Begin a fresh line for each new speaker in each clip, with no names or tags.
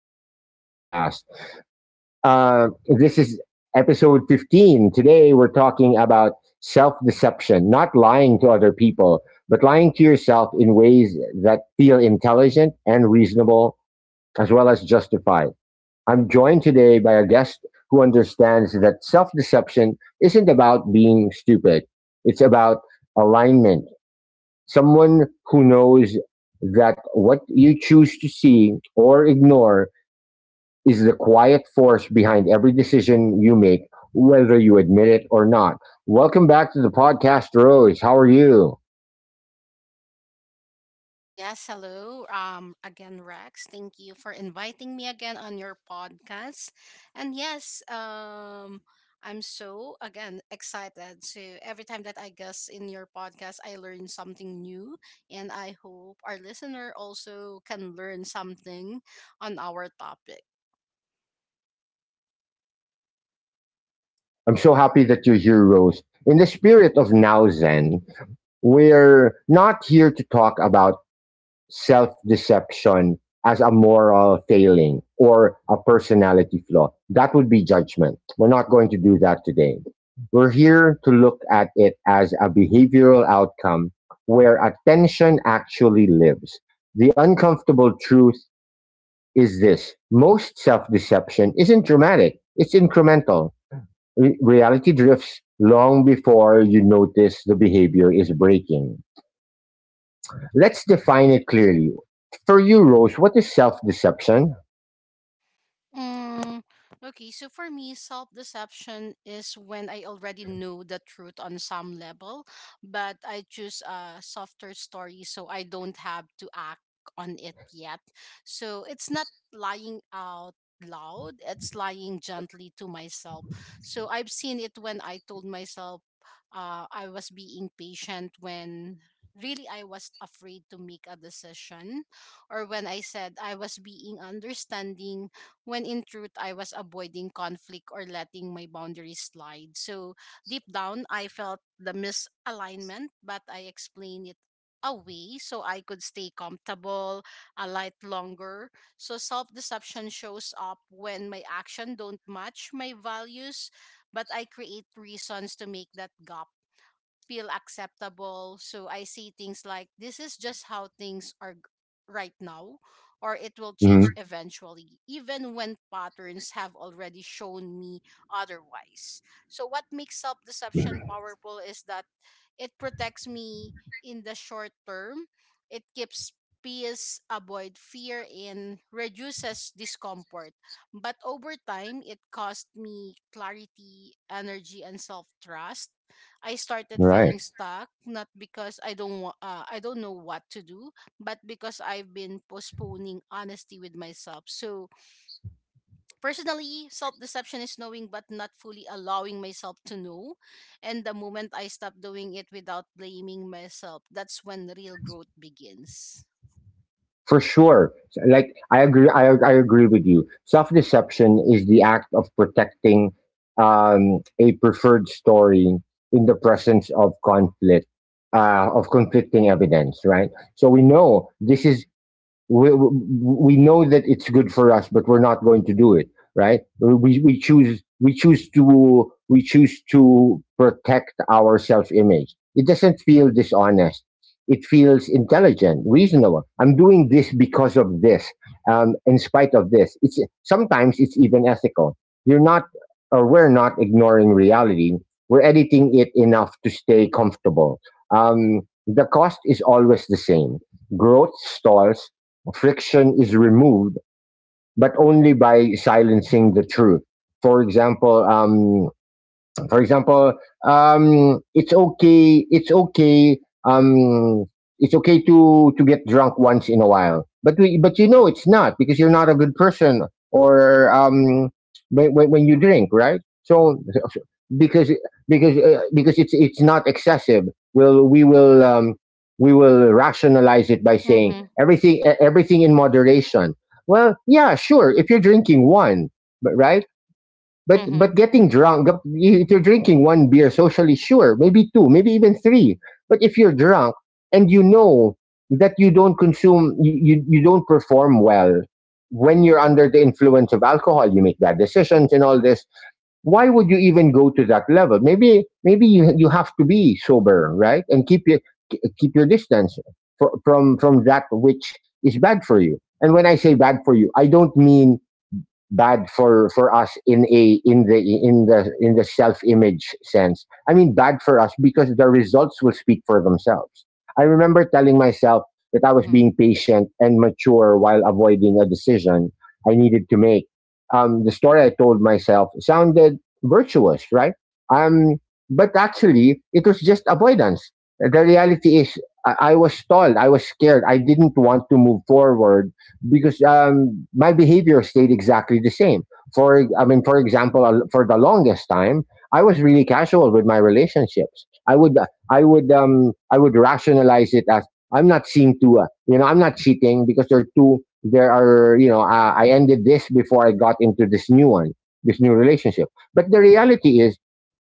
Zen Podcast. Uh, this is episode 15. Today, we're talking about self deception, not lying to other people, but lying to yourself in ways that feel intelligent and reasonable, as well as justified. I'm joined today by a guest who understands that self deception isn't about being stupid, it's about alignment. Someone who knows that what you choose to see or ignore is the quiet force behind every decision you make, whether you admit it or not. Welcome back to the podcast, Rose. How are you?
Yes, hello. Again, Rex, thank you for inviting me again on your podcast. And yes, I'm so again excited. So every time that I guest in your podcast, I learn something new, and I hope our listener also can learn something on our topic.
I'm so happy that you're here, Rose. In the spirit of Now Zen, we're not here to talk about self deception as a moral failing or a personality flaw. That would be judgment. We're not going to do that today. We're here to look at it as a behavioral outcome where attention actually lives. The uncomfortable truth is this: most self deception isn't dramatic, it's incremental. Reality drifts long before you notice the behavior is breaking. Let's define it clearly. For you, Rose, what is self deception?
Mm, okay, so for me, self deception is when I already know the truth on some level, but I choose a softer story so I don't have to act on it yet. So it's not lying out loud, it's lying gently to myself. So I've seen it when I told myself I was being patient when really I was afraid to make a decision, or when I said I was being understanding when in truth I was avoiding conflict or letting my boundaries slide. So deep down, I felt the misalignment, but I explained it away so I could stay comfortable a light longer. So self-deception shows up when my action don't match my values, but I create reasons to make that gap feel acceptable. So I see things like this is just how things are right now, or it will change
Mhm.
eventually, even when patterns have already shown me otherwise. So, what makes self deception powerful is that it protects me in the short term, it keeps peace, avoid fear, and reduces discomfort. But over time, it cost me clarity, energy, and self trust. I started feeling
Right.
stuck not because I don't wa- I don't know what to do, but because I've been postponing honesty with myself. So personally, self-deception is knowing but not fully allowing myself to know. And the moment I stop doing it without blaming myself, that's when real growth begins.
For sure. Like I agree, I agree with you. Self-deception is the act of protecting a preferred story in the presence of conflict, of conflicting evidence, right? So we know this is, we know that it's good for us, but we're not going to do it, right? We choose, we choose to, we choose to protect our self image. It doesn't feel dishonest. It feels intelligent, reasonable. I'm doing this because of this, in spite of this. It's sometimes it's even ethical. You're not, or we're not ignoring reality. We're editing it enough to stay comfortable. Um, the cost is always the same. Growth stalls, friction is removed, but only by silencing the truth. For example, for example, it's okay. It's okay. Um, it's okay to get drunk once in a while, but we, but you know it's not because you're not a good person, or when, when you drink, right? So because, because it's not excessive. We'll we will um, we will rationalize it by saying
Mhm.
everything, everything in moderation. Well, yeah, sure. If you're drinking one, but right? But
Mhm.
getting drunk, if you're drinking one beer socially, sure, maybe two, maybe even three. But if you're drunk and you know that you don't consume, you don't perform well when you're under the influence of alcohol, you make bad decisions and all this. Why would you even go to that level? Maybe you have to be sober, right, and keep your, keep your distance from that which is bad for you. And when I say bad for you, I don't mean bad for us in a, in the self image sense. I mean bad for us because the results will speak for themselves. I remember telling myself that I was
Mhm.
being patient and mature while avoiding a decision I needed to make. The story I told myself sounded virtuous, right? um, but actually it was just avoidance. The reality is, I was stalled, I was scared, I didn't want to move forward because my behavior stayed exactly the same. For, I mean, for example, for the longest time, I was really casual with my relationships. I would I would rationalize it as, I'm not seeing to, you know, I'm not cheating because there are two, there are, you know, I ended this before I got into this new one, this new relationship. But the reality is,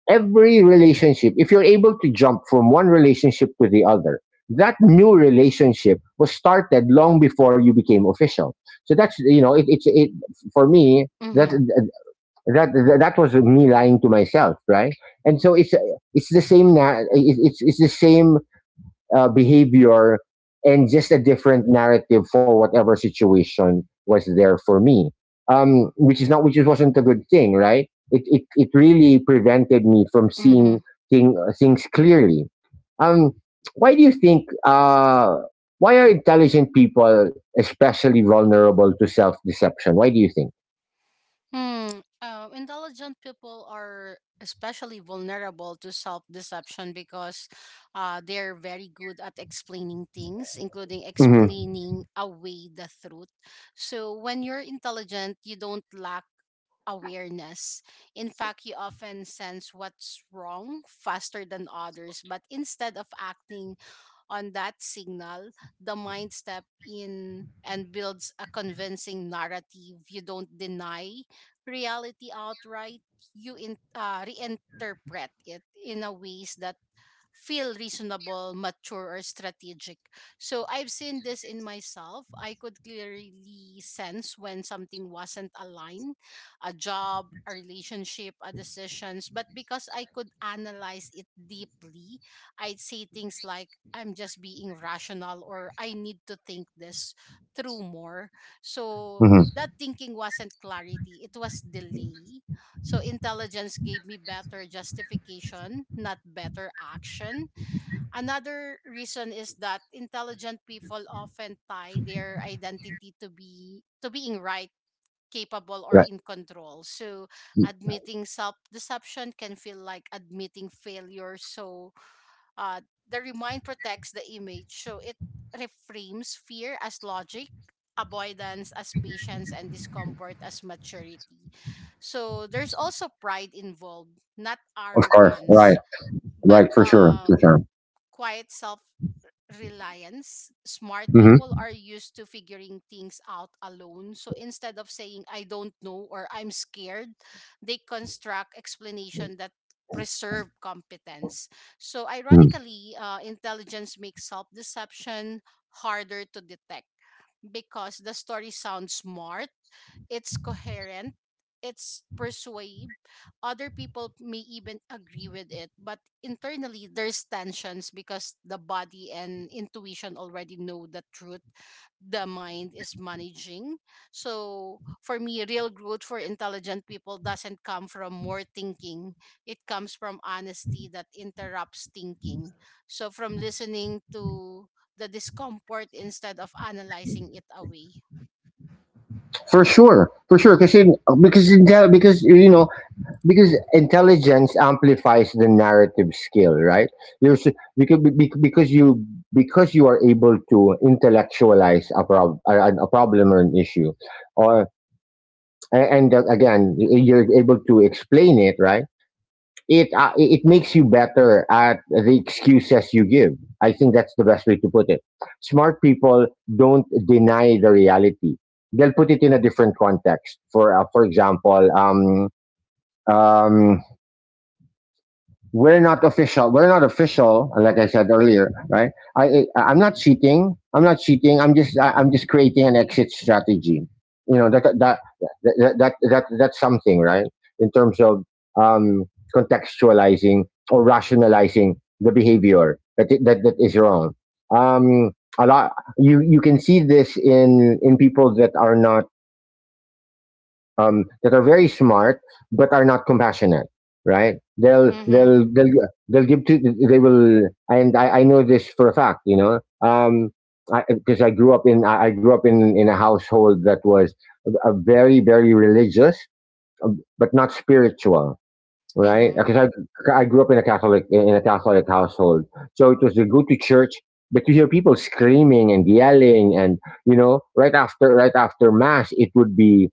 every relationship, if you're able to jump from one relationship to the other, that new relationship was started long before you became official. So that's, you know, it, it's it for me, that
Mhm.
that that was me lying to myself, right? And so it's the same now. It's the same behavior and just a different narrative for whatever situation was there for me, which is not, which wasn't a good thing, right? It really prevented me from seeing
Mhm.
things clearly. um, why do you think, why are intelligent people especially vulnerable to self-deception? Why do you think?
Hmm. Intelligent people are especially vulnerable to self deception because they're very good at explaining things, including
Mm-hmm.
explaining away the truth. So when you're intelligent, you don't lack awareness. In fact, you often sense what's wrong faster than others, but instead of acting on that signal, the mind step in and builds a convincing narrative. You don't deny reality outright. You reinterpret it in a ways that feel reasonable, mature, or strategic. So I've seen this in myself. I could clearly sense when something wasn't aligned a job, a relationship, a decisions. But because I could analyze it deeply, I'd say things like, I'm just being rational or I need to think this through more. So
Mm-hmm.
that thinking wasn't clarity, it was delay. So intelligence gave me better justification, not better action. Another reason is that intelligent people often tie their identity to be to being right, capable or
Right.
in control. So admitting self-deception can feel like admitting failure. So uh, the remind protects the image, so it reframes fear as logic, avoidance as patience, and discomfort as maturity. So there's also pride involved, not
Of course. Right.
arrogance, but
Right. For sure. For sure.
quiet self reliance, smart people
Mm-hmm.
are used to figuring things out alone. So instead of saying, I don't know or I'm scared, they construct explanation that preserve competence. So
Mm-hmm.
ironically, intelligence makes self-deception harder to detect because the story sounds smart, it's coherent, it's persuasive. Other people may even agree with it, but internally there's tensions because the body and intuition already know the truth the mind is managing. So for me, real growth for intelligent people doesn't come from more thinking. It comes from honesty that interrupts thinking. So from listening to the discomfort instead of analyzing it away.
For sure, because, because intel- because you know because intelligence amplifies the narrative skill, right? You're s- because be- because you because you are able to intellectualize a, a problem or an issue, or and again, you're able to explain it, right? It it makes you better at the excuses you give. I think that's the best way to put it. Smart people don't deny the reality. They'll put it in a different context. For, for example, um we're not official. We're not official, like I said earlier, right? I'm not cheating. I'm not cheating. I'm just, I'm just creating an exit strategy. You know that that's something, right? In terms of um, contextualizing or rationalizing the behavior that, that is wrong. Um, a lot, you can see this in people that are not that are very smart but are not compassionate, right? they'll
Mm-hmm.
they'll they'll they'll give to they will, and I know this for a fact, you know. um because I grew up in a household that was a very very religious but not spiritual, right?
Mm-hmm.
Because I grew up in a Catholic, in a Catholic household. So it was the go to church, but you hear people screaming and yelling and, you know, right after, right after mass it would be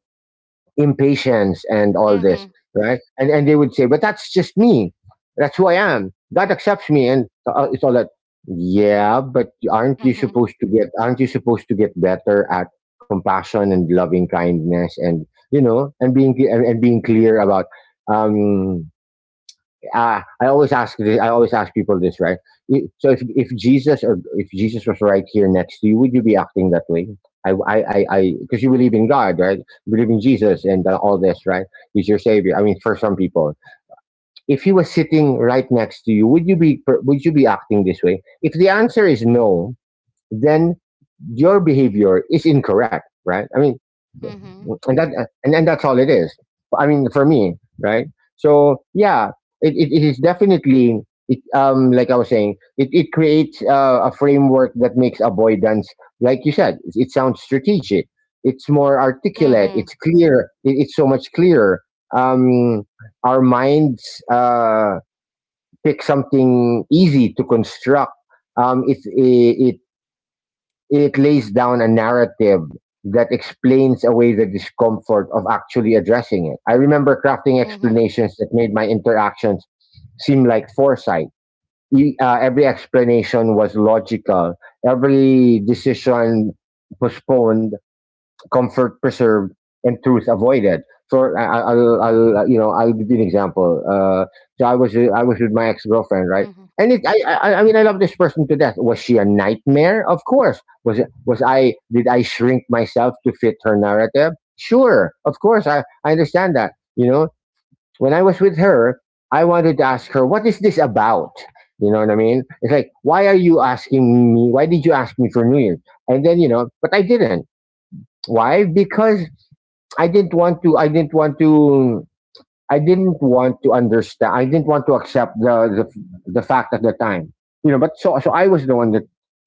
impatience and all this,
Mhm.
right? And they would say, but that's just me. That's who I am. God accepts me, and it's all that. Yeah, but aren't you
Mhm.
supposed to get? Aren't you supposed to get better at compassion and loving kindness, and, you know, and being, and being clear about um, I always ask this, I always ask people this, right? So if Jesus, or if Jesus was right here next to you, would you be acting that way? Because you believe in God, right? You believe in Jesus and, all this, right? He's your savior. I mean, for some people, if he was sitting right next to you, would you be acting this way? If the answer is no, then your behavior is incorrect, right? I mean,
Mhm.
and that, and that's all it is. I mean, for me, right? So yeah, it is definitely it, like I was saying, it creates a framework that makes avoidance, like you said, it sounds strategic. It's more articulate,
Mhm.
it's clear, it, it's so much clearer. um our minds pick something easy to construct. um it it, it lays down a narrative that explains away the discomfort of actually addressing it. I remember crafting
Mhm.
explanations that made my interactions seem like foresight. Every explanation was logical, every decision postponed, comfort preserved, and truth avoided. So I- will I'll, you know, I'll give you an example. So I was with my ex girlfriend, right?
Mhm.
And it, I mean, I love this person to death. Was she a nightmare? Of course. Was I? Did I shrink myself to fit her narrative? Sure, of course. I understand that. You know, when I was with her, I wanted to ask her, "What is this about?" You know what I mean? It's like, why are you asking me? Why did you ask me for New Year's? And then, you know, but I didn't. Why? Because I didn't want to. I didn't want to. I didn't want to understand. I didn't want to accept the the fact at the time. You know, but so, so I was the one that,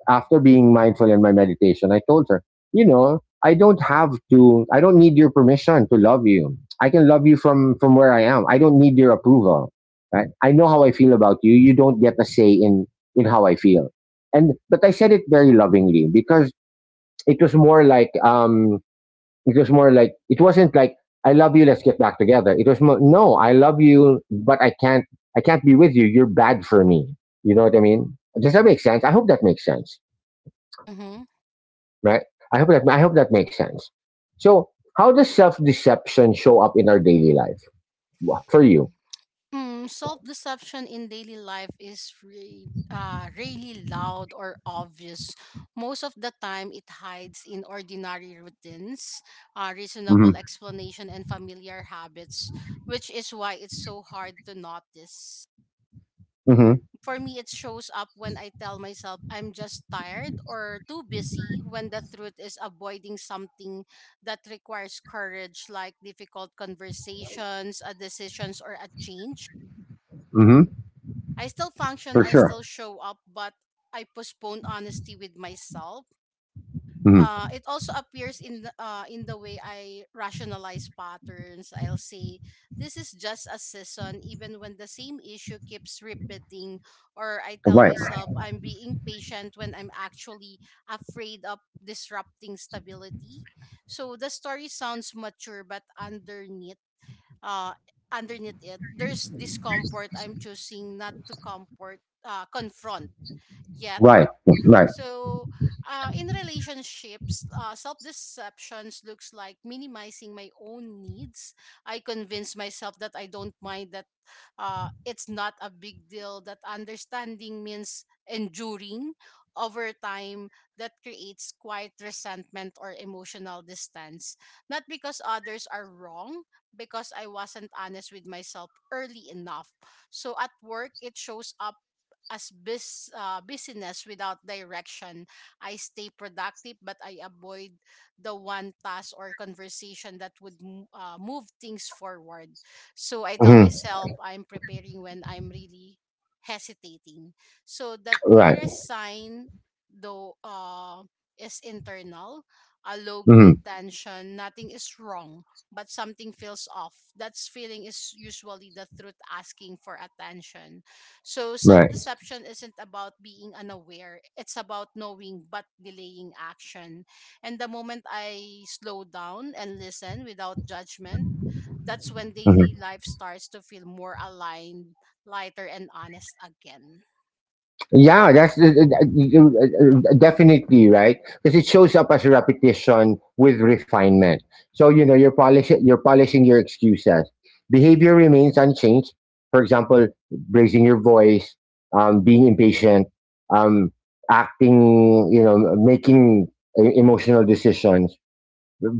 after being mindful in my meditation, I told her, you know, I don't have to. I don't need your permission to love you. I can love you from where I am. I don't need your approval. Right? I know how I feel about you. You don't get a say in how I feel. And but I said it very lovingly because it was more like, it was more like, it wasn't like, I love you, let's get back together. It was more, no, I love you, but I can't, I can't be with you. You're bad for me. You know what I mean? Does that make sense? I hope that makes sense,
Mhm.
right? I hope that, I hope that makes sense. So, how does self-deception show up in our daily life for you?
Self-deception in daily life is really loud or obvious. Most of the time, it hides in ordinary routines,
Mm-hmm.
reasonable explanation, and familiar habits, which is why it's so hard to notice.
Mm-hmm.
For me it shows up when I tell myself I'm just tired or too busy when the truth is avoiding something that requires courage like difficult conversations, decisions or a change.
Mm-hmm.
I still function,
For
I
sure.
still show up, but I postpone honesty with myself.
Mm-hmm.
It also appears in the way I rationalize patterns. I'll say this is just a season, even when the same issue keeps repeating, or I tell
Right.
myself I'm being patient when I'm actually afraid of disrupting stability. So the story sounds mature, but underneath, uh, underneath it, there's discomfort I'm choosing not to confront yet.
Right. Right.
So, in relationships, self deceptions looks like minimizing my own needs. I convince myself that I don't mind, that it's not a big deal. That understanding means enduring over time. That creates quiet resentment or emotional distance. Not because others are wrong, because I wasn't honest with myself early enough. So at work, it shows up as business without direction. I stay productive, but I avoid the one task or conversation that would move things forward. So I tell
Hmm.
myself I'm preparing when I'm really hesitating. So the
Right.
clearest sign, though, is internal, a low
Mm-hmm.
grade tension. Nothing is wrong. But something feels off. That feeling is usually the truth asking for attention. So self
Right.
deception isn't about being unaware, it's about knowing but delaying action. And the moment I slow down and listen without judgment, that's when
Mm-hmm.
daily life starts to feel more aligned, lighter, and honest again.
Yeah, that's definitely right because it shows up as repetition with refinement. So you know you're polishing your excuses. Behavior remains unchanged. For example, raising your voice, being impatient, um, acting, making emotional decisions,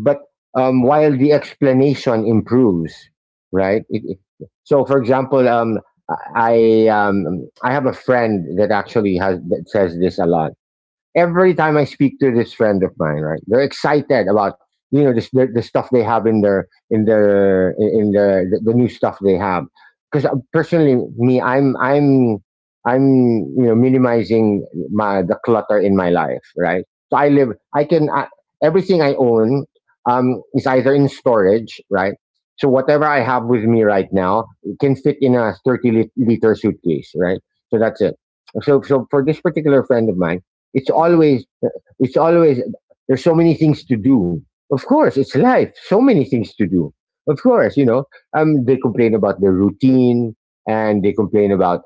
but while the explanation improves, right? So, for example, I have a friend that actually has that says this a lot. Every time I speak to this friend of mine, right, they're excited about, this, the stuff they have the new stuff they have. Because personally, me, I'm you know minimizing my the clutter in my life, right? So, I live, I can I, everything I own is either in storage, right? So whatever I have with me right now can fit in a 30 liter suitcase, right? So that's it. So for this particular friend of mine, it's
Mm-hmm.
always, it's always, there's so many things to do. Of course, it's life. So many things to do. Of course, they complain about their routine, and they complain about,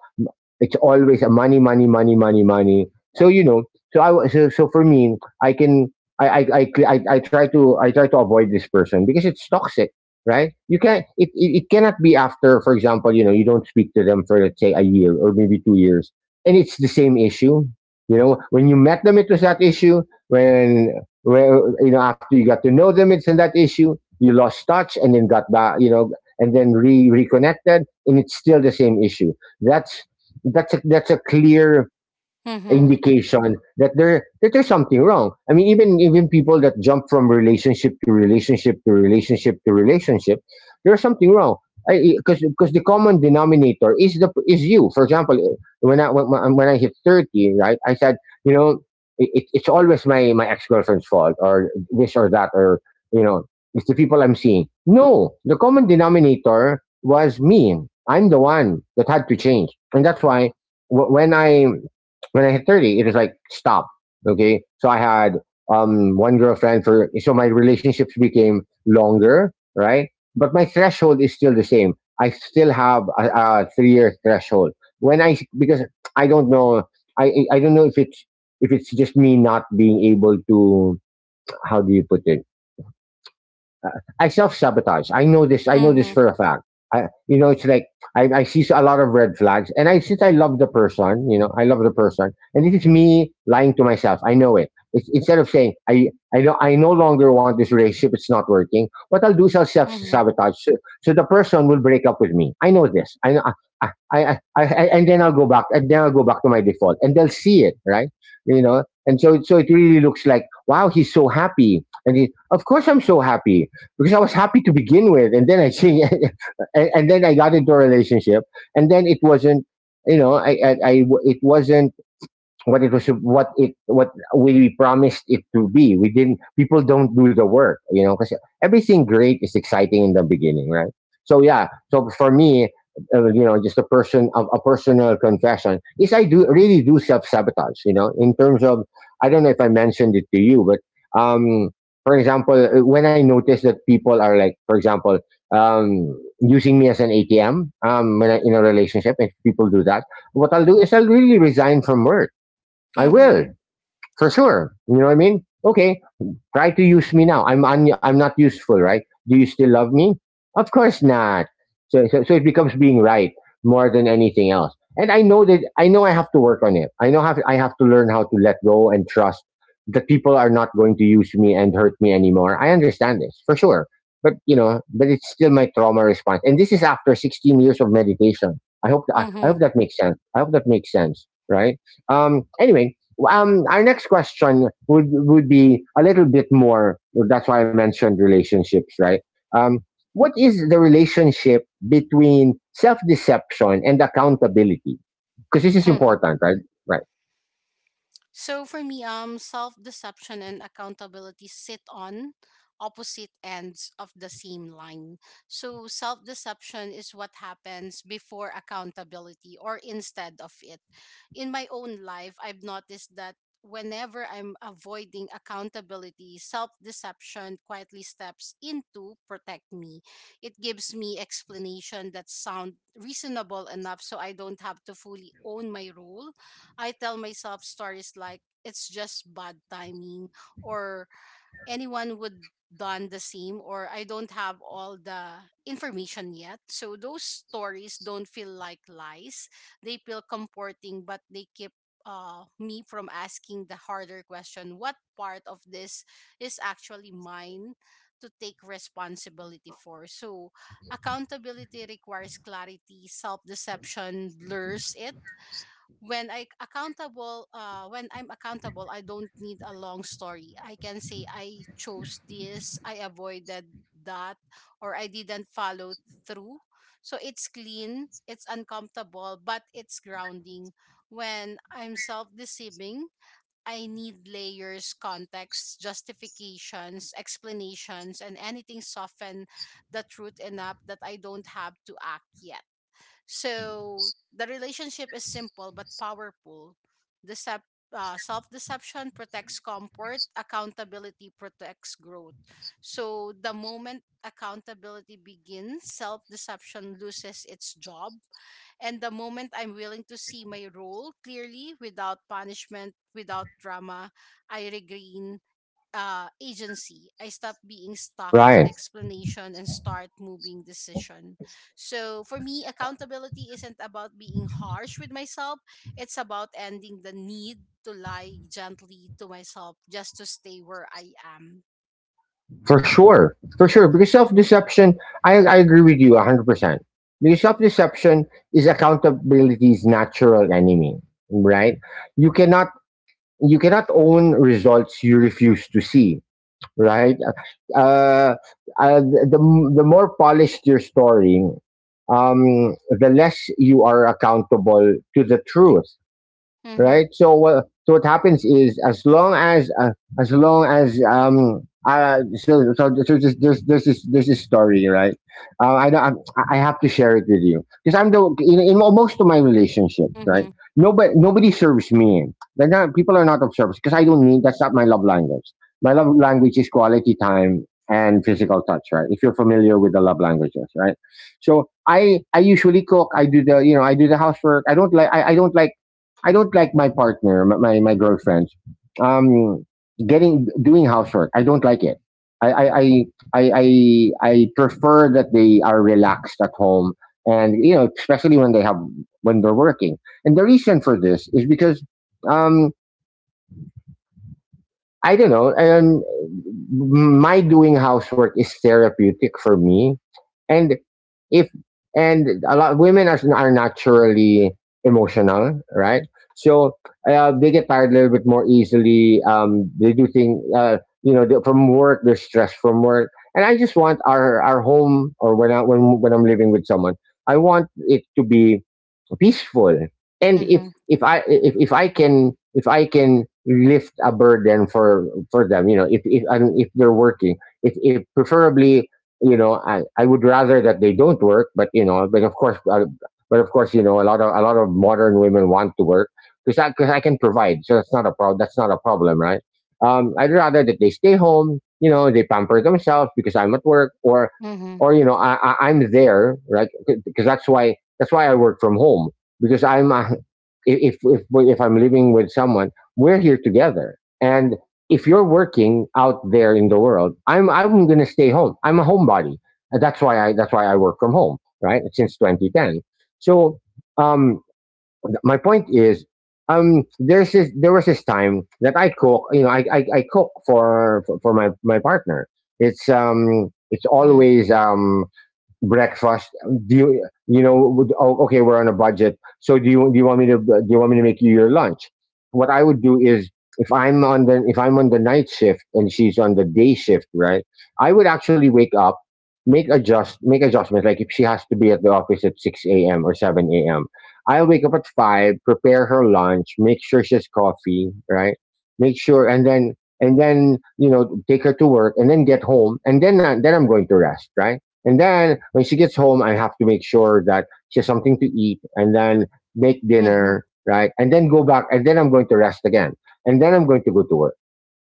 it's always a money, money, money, money, money. So you know, so for me, I can I try to avoid this person because it's toxic, right? You can it, it it cannot be, after, for example, you don't speak to them for let's say a year or maybe 2 years, and it's the same issue. You know, when you met them, it was that issue. When, after you got to know them, it's in that issue. You lost touch and then got back, and then reconnected, and it's still the same issue. That's that's a clear
Mm-hmm.
indication that there's something wrong. I mean, even people that jump from relationship to relationship to relationship to relationship, there's something wrong. Because the common denominator is you. For example, when I hit 30, right, I said, you know, it's always my ex girlfriend's fault or this or that or, you know, it's the people I'm seeing. No, the common denominator was me. I'm the one that had to change, and that's why wh- when I when I hit 30, it was like, stop. Okay. So I had one girlfriend for, so my relationships became longer, right? But my threshold is still the same. I still have a 3-year threshold. When I, because I don't know, I don't know if it's, just me not being able to, how do you put it? I self sabotage. I know this. I know this
Mm-hmm.
for a fact. It's like I see a lot of red flags, and I since I love the person, and this is me lying to myself. I know it. Instead of saying, I know I no longer want this relationship. It's not working. What I'll do is I'll self
Mm-hmm.
sabotage, so the person will break up with me. I know this. I know. And then I'll go back, and then I'll go back to my default, and they'll see it, right? You know, and so it really looks like, wow, he's so happy, and of course I'm so happy because I was happy to begin with, and then I see, and, then I got into a relationship, and then it wasn't, you know, I- it wasn't what it was what it what we promised it to be. We didn't People don't do the work, because everything great is exciting in the beginning, right? So yeah, so for me, just a personal confession is I do really do self-sabotage, in terms of, I don't know if I mentioned it to you, but um for example, when I notice that people are, like, for example, um using me as an atm, in a relationship, if people do that, what I'll do is I'll really resign from work. I will.
Mm-hmm.
For sure. You know what I mean? Okay, try to use me now. I'm I'm not useful, right? Do you still love me? Of course not. So, it becomes being right more than anything else. And I know that I know I have to work on it. I know, have I have to learn how to let go and trust that people are not going to use me and hurt me anymore. I understand this for sure. But it's still my trauma response. And this is after 16 years of meditation. I
Mm-hmm.
hope that makes sense. I hope that makes sense, right? Anyway, our next question would be a little bit more. That's why I mentioned relationships, right? Um, what is the relationship between self deception and accountability? Because this is
Mm-hmm.
important, right? Right,
So for me, self-deception and accountability sit on opposite ends of the same line. So self-deception is what happens before accountability or instead of it. In my own life, I've noticed that whenever I'm avoiding accountability, self-deception quietly steps in to protect me. It gives me explanation that sound reasonable enough so I don't have to fully own my role. I tell myself stories like it's just bad timing, or anyone would done the same, or I don't have all the information yet. So those stories don't feel like lies. They feel comforting, but they keep me from asking the harder question: what part of this is actually mine to take responsibility for? So accountability requires clarity, self-deception blurs it. When I'm accountable I don't need a long story. I can say I chose this, I avoided that, or I didn't follow through. So it's clean, it's uncomfortable, but it's grounding. When I'm self-deceiving, I need layers, context, justifications, explanations and anything soften the truth enough that I don't have to act yet. So the relationship is simple but powerful. Decep- Self deception protects comfort, accountability protects growth. So the moment accountability begins, self deception loses its job. And the moment I'm willing to see my role clearly without punishment, without drama, I regain agency. I stop being stuck in
Ryan,
explanation and start moving decision. So for me, accountability isn't about being harsh with myself. It's about ending the need to lie gently to myself just to stay where I am.
for sure, for sure. Because self deception, I agree with you 100%. Because self deception is accountability's natural enemy, right? You cannot you cannot own results you refuse to see, right? Uh, uh, the the more polished your story, the less you are accountable to the truth,
Mm-hmm.
right? So what happens is, as long as there's this story, right? I know I have to share it with you because in most of my relationships, right?
Mm-hmm.
Nobody serves me. They're not People are not of service because I don't need that's not my love language. My love language is quality time and physical touch, right? If you're familiar with the love languages, right? So I usually cook. I do the, housework I don't like, my partner, my girlfriend, um, getting doing housework. I don't like it. I I, I I prefer that they are relaxed at home, and especially when they're working. And the reason for this is because um, I don't know. My doing housework is therapeutic for me, and if and a lot women are naturally emotional, right? So they get tired a little bit more easily. They do things, from work. They're stressed from work, and I just want our home, or when I when I'm living with someone, I want it to be peaceful. And
Mm-hmm.
if I if I can lift a burden for them, if they're working, if preferably, I would rather that they don't work, but, of course, but of course, a lot of modern women want to work because I because I can provide, so that's not a problem, that's not a problem, right? I'd rather that they stay home, they pamper themselves because I'm at work, or
Mm-hmm.
or you know i, I i'm there, right? Because that's why I work from home, because I'm if I'm living with someone, we're here together. And if you're working out there in the world, I'm going to stay home. I'm a homebody. And that's why I work from home, right? Since 2010. So, um, my point is, there was this time that I cook. You know, I cook for my partner. It's
Mm-hmm.
always, breakfast. Do you you know Oh, okay, we're on a budget, so do you want me to do you want me to make you your lunch. What I would do is, if I'm on the night shift and she's on the day shift, right, I would actually wake up, make adjustments, like if she has to be at the office at 6 a.m. or 7 a.m., I'll wake up at 5, prepare her lunch, make sure she has coffee, right? make sure And then take her to work, and then get home, and then, then I'm going to rest, right? And then when she gets home, I have to make sure that she has something to eat, and then make
Mm-hmm.
dinner, right? And then go back. And then I'm going to rest again. And then I'm going to go to work.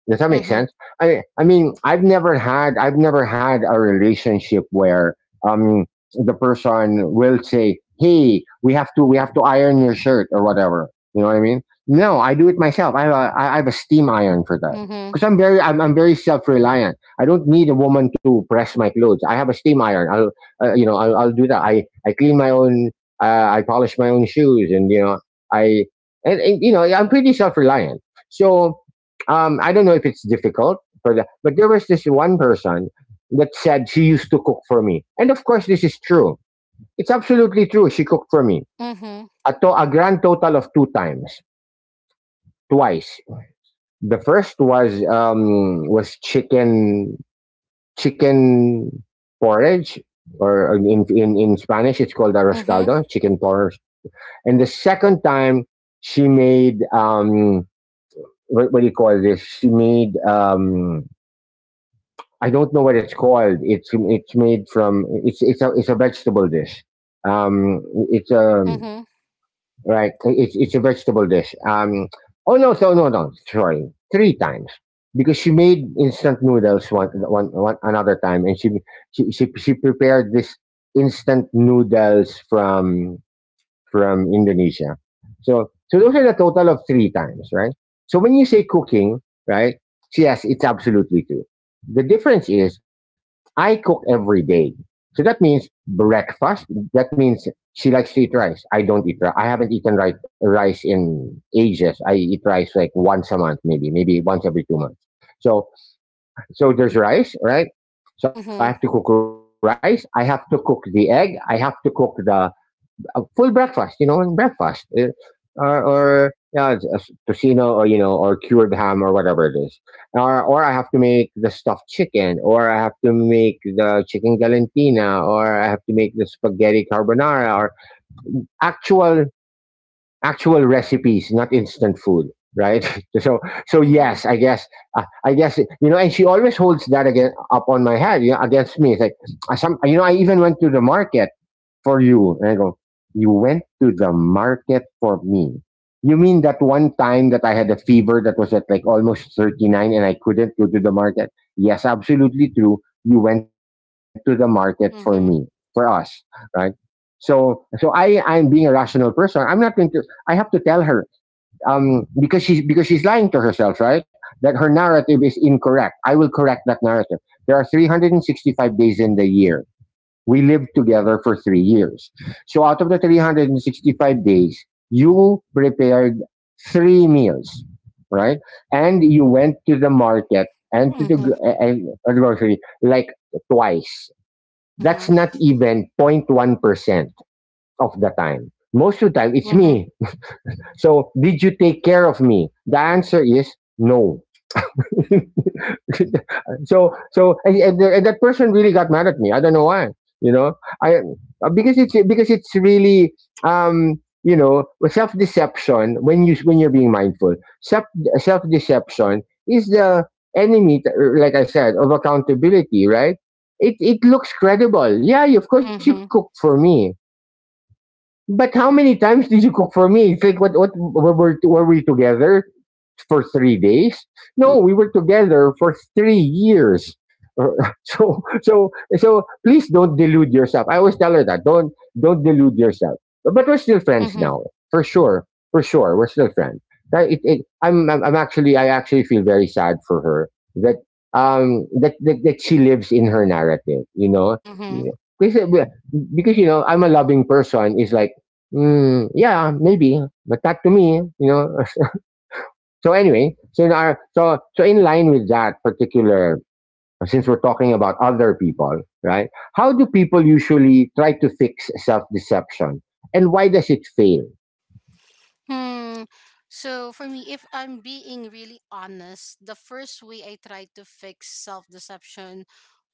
Does that make
Mm-hmm.
sense? I mean, I've never had a relationship where um the person will say, "Hey, we have to iron your shirt or whatever." You know what I mean? No, I do it myself. I have a steam iron for that
Mm-hmm.
because I'm very self reliant. I don't need a woman to press my clothes. I have a steam iron. I'll do that. I clean my own. I polish my own shoes, and you know I and you know I'm pretty self reliant. So I don't know if it's difficult for that, but there was this one person that said she used to cook for me, and of course this is true. It's absolutely true. She cooked for me
Mm-hmm.
a grand total of two times, twice. The first was chicken chicken porridge, or in Spanish it's called
Mm-hmm.
arroscaldo, chicken porridge. And the second time she made what do you call this? She made I don't know what it's called. It's made from it's a vegetable dish. Um, it's a
Mm-hmm.
Right, it's a vegetable dish. Oh no, so no, no. Sorry, three times because she made instant noodles one one one another time, and she prepared this instant noodles from Indonesia. So, those are the total of three times, right? So when you say cooking, right? Yes, it's absolutely true. The difference is I cook every day. So that means breakfast. That means she likes to eat rice. I don't eat rice. I haven't eaten rice in ages. I eat rice like once a month, maybe, once every 2 months. So, so, there's rice, right? So I
Mm-hmm.
have to cook
Mm-hmm.
rice. I have to cook the egg. I have to cook the a full breakfast, and breakfast, or yeah, it's a tocino or or cured ham or whatever it is, or I have to make the stuffed chicken, or I have to make the chicken galantina, or I have to make the spaghetti carbonara, or actual actual recipes, not instant food, right? So
Mm-hmm.
yes, I guess, and she always holds that again up on my head, against me. It's like some, I even went to the market for you. And I go, you went to the market for me. You mean that one time that I had a fever that was at like almost 39 and I couldn't go to the market? Yes, absolutely true. You went to the market for me, for us, right? So, I'm being a rational person. I'm not going to, I have to tell her, because she's lying to herself, right? That her narrative is incorrect. I will correct that narrative. There are 365 days in the year. We lived together for 3 years. So out of the 365 days, you prepared three meals, right? And you went to the market and to the
Mm-hmm.
grocery like twice. That's
Mm-hmm.
not even 0.1% of the time. Most of the time, it's
Mm-hmm.
me. So did you take care of me? The answer is no. So and that person really got mad at me. I don't know why. You know, I because it's really um self deception when you're being mindful. Self self deception is the enemy, like I said, of accountability. Right? It looks credible. Yeah, of course you
Mm-hmm.
cooked for me. But how many times did you cook for me? It's like what were we together? For 3 days. No, we were together for 3 years. So so so please don't delude yourself. I always tell her that. Don't delude yourself. But we're still friends now, for sure, for sure. We're still friends. I actually feel very sad for her that that she lives in her narrative.
Mm-hmm.
Because uh, because I'm a loving person. Is like. Yeah, maybe, but not to me. So anyway, so in line with that particular, since we're talking about other people, right? How do people usually try to fix self deception, and why does it fail?
Hmm. So for me, if I'm being really honest, the first way I tried to fix self deception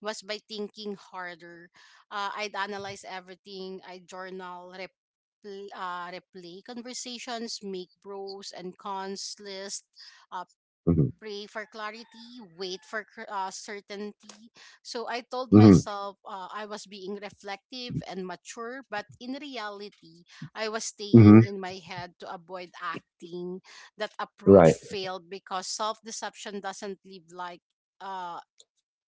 was by thinking harder. I'd analyze everything. I journal, replay conversations, make pros and cons list, uh,
Hmm.
pray for clarity, wait for certainty. So I told
Hmm.
myself I was being reflective and mature, but in reality, I was
Hmm.
staying in my head to avoid acting. That approach
Right.
failed because self deception doesn't uh,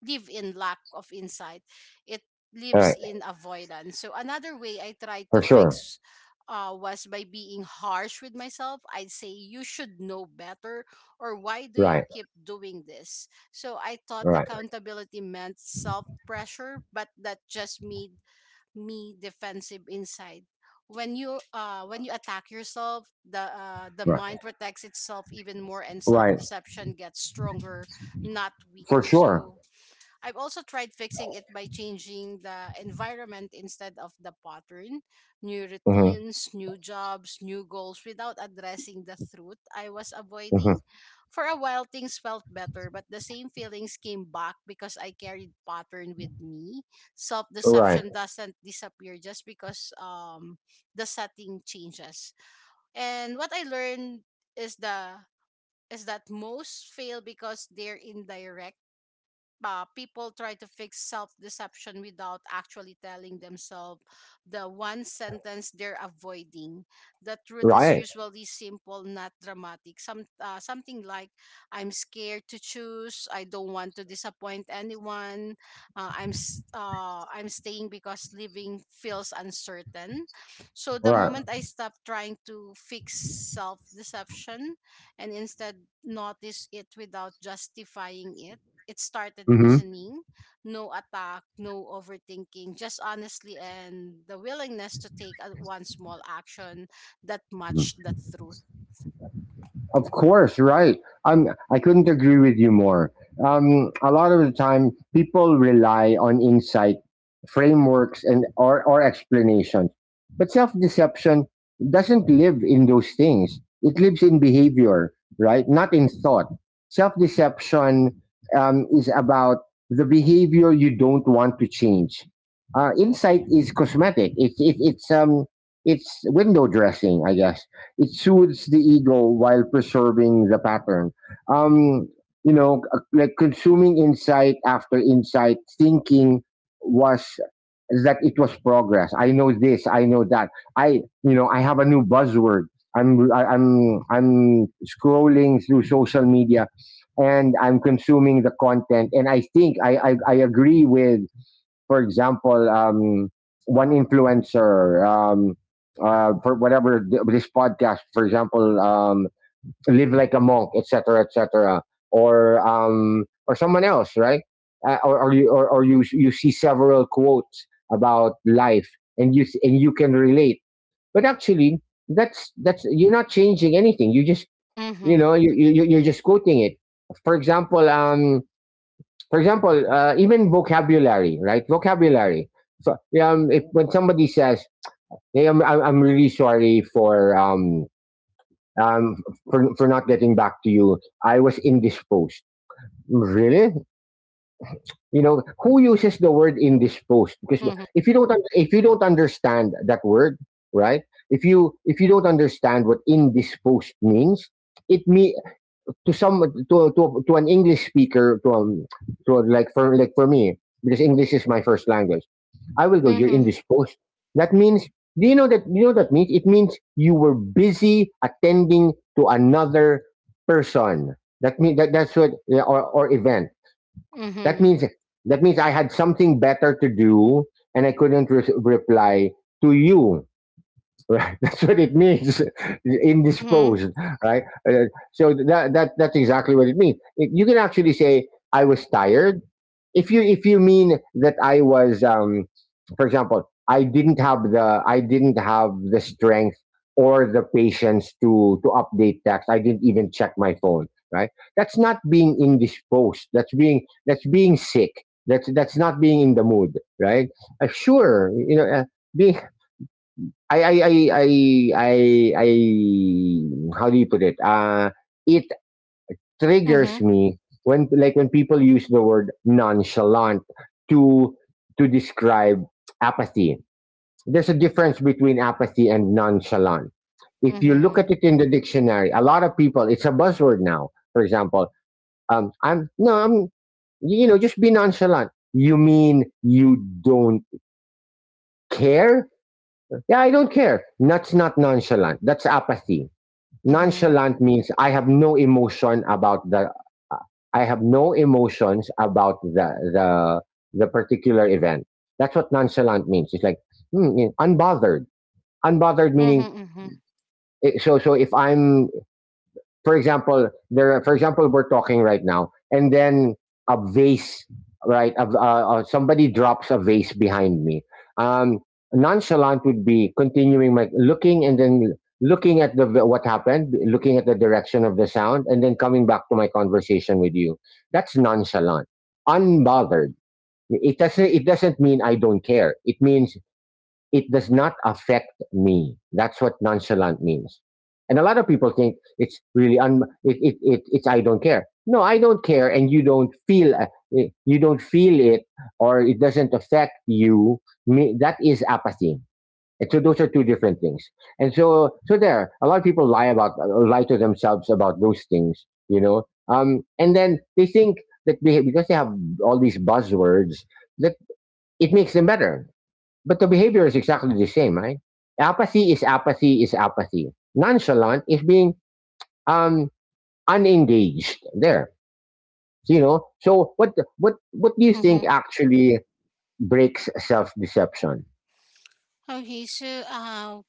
live in lack of insight. It
Right.
lives in avoidance. So another way I tried to
For sure.
fix was by being harsh with myself. I'd say you should know better, or why do you
Right.
keep doing this? So I thought
Right.
accountability meant self pressure, but that just made me defensive inside. When you attack yourself, the
Right.
mind protects itself even more, and self
Right.
deception gets stronger, not
For
weaker.
sure.
So I've also tried fixing it by changing the environment instead of the pattern. New
Hmm.
routines, new jobs, new goals without addressing the truth I was
Hmm.
avoiding. For a while, things felt better, but the same feelings came back because I carried pattern with me. Self
Right.
deception doesn't disappear just because the setting changes. And what I learned is the is that most fail because they're indirect. People try to fix self deception without actually telling themselves the one sentence they're avoiding. The truth is
Right.
usually simple, not dramatic. Something like, "I'm scared to choose. I don't want to disappoint anyone. I'm staying because living feels uncertain." So the
Right.
moment I stop trying to fix self deception and instead notice it without justifying it, it started
Hmm.
loosening. No attack, no overthinking, just honestly and the willingness to take a, one small action that matched the truth.
Of course, right. I couldn't agree with you more. A lot of the time, people rely on insight, frameworks, and or explanations. But self deception doesn't live in those things. It lives in behavior, right? Not in thought. Self deception is about the behavior you don't want to change. Insight is cosmetic. It's it, it's It's window dressing, I guess. It soothes the ego while preserving the pattern. Um, like consuming insight after insight, thinking was that it was progress. I know this. I know that. I have a new buzzword. I'm scrolling through social media, and I'm consuming the content. And I think I agree with, for example, one influencer, for whatever this podcast, for example, live like a monk, etc., etc., or or someone else, right? Or you you see several quotes about life, and you can relate. But actually, that's you're not changing anything. You just
Mm-hmm.
you're just quoting it. For example, um, for example, even vocabulary, right? Vocabulary. So if when somebody says, "Hey, I'm really sorry for um for not getting back to you. I was indisposed." Really? You know who uses the word indisposed? Because
Mm-hmm.
if you don't understand that word, right? If you don't understand what indisposed means, it me to some to an English speaker, to like for me, because English is my first language, I will go. You're
Mm-hmm.
indisposed. That means, do you know that you know what that means? It means you were busy attending to another person. That means that That's what, yeah, or event. That
Mm-hmm.
means that means I had something better to do and I couldn't reply to you. Right, that's what it means.
Mm-hmm.
Indisposed, right? Uh, so that's exactly what it means. You can actually say I was tired. If you mean that I was, for example, I didn't have the strength or the patience to update text. I didn't even check my phone. Right? That's not being indisposed. That's being sick. That's not being in the mood. Right? Sure. Being I I I I I I how do you put it? It triggers
Mm-hmm.
me when people use the word nonchalant to to describe apathy. There's a difference between apathy and nonchalant. If you look
Mm-hmm.
at it in the dictionary, a lot of people it's a buzzword now. For example, I'm no I'm you know just be nonchalant. You mean you don't care? Yeah, I don't care. That's not nonchalant. That's apathy.
Mm-hmm.
Nonchalant means uh, I have no emotions about the particular event. That's what nonchalant means. It's like unbothered. Unbothered meaning,
Mm-hmm.
so if I'm, for example, there. For example, we're talking right now, and then a vase, right? Of Somebody drops a vase behind me. Um, Nonchalant would be continuing my looking and then looking at the what happened, looking at the direction of the sound, and then coming back to my conversation with you. That's nonchalant, unbothered. It doesn't mean I don't care. It means it does not affect me. That's what nonchalant means. And a lot of people think it's really un, it, it's I don't care. No, I don't care, and you don't feel it, or it doesn't affect you. That is apathy. And so those are two different things. And so, there, a lot of people lie to themselves about those things. And then they think because they have all these buzzwords that it makes them better. But the behavior is exactly the same, right? Apathy is apathy is apathy. Nonchalant is being um, unengaged there. So, what do you
Mm-hmm.
think actually breaks self deception?
Okay, so uh,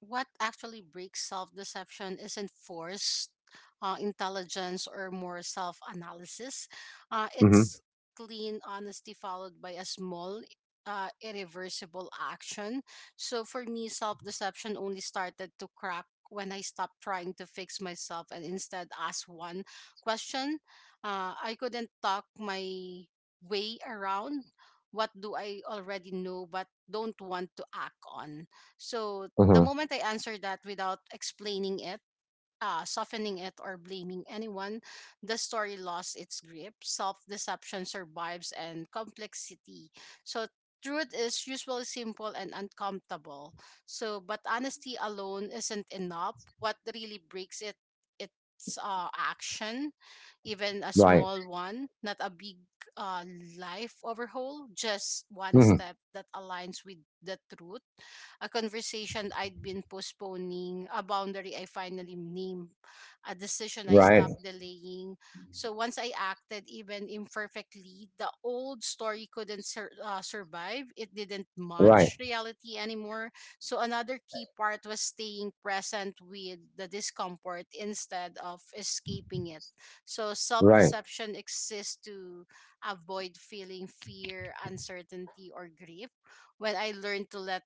what actually breaks self deception isn't forced intelligence or more self analysis. Uh,
Hmm.
it's clean honesty followed by a small, irreversible action. So for me, self deception only started to crack when I stopped trying to fix myself and instead asked one question. I couldn't talk my way around. What do I already know but don't want to act on? So the
Hmm.
moment I answer that without explaining it, softening it, or blaming anyone, the story lost its grip. Self deception survives and complexity. So truth is usually simple and uncomfortable. So, but honesty alone isn't enough. What really breaks it, it's action, even a
Right.
small one, not a big uh, life overhaul, just one
Hmm.
step that aligns with the truth, a conversation I'd been postponing, a boundary I finally named, a decision I
Right.
stopped delaying. So once I acted, even imperfectly, the old story couldn't survive. It didn't
Right.
match reality anymore. So another key part was staying present with the discomfort instead of escaping it. So self
Right.
deception exists to avoid feeling fear, uncertainty, or grief. When I learned to let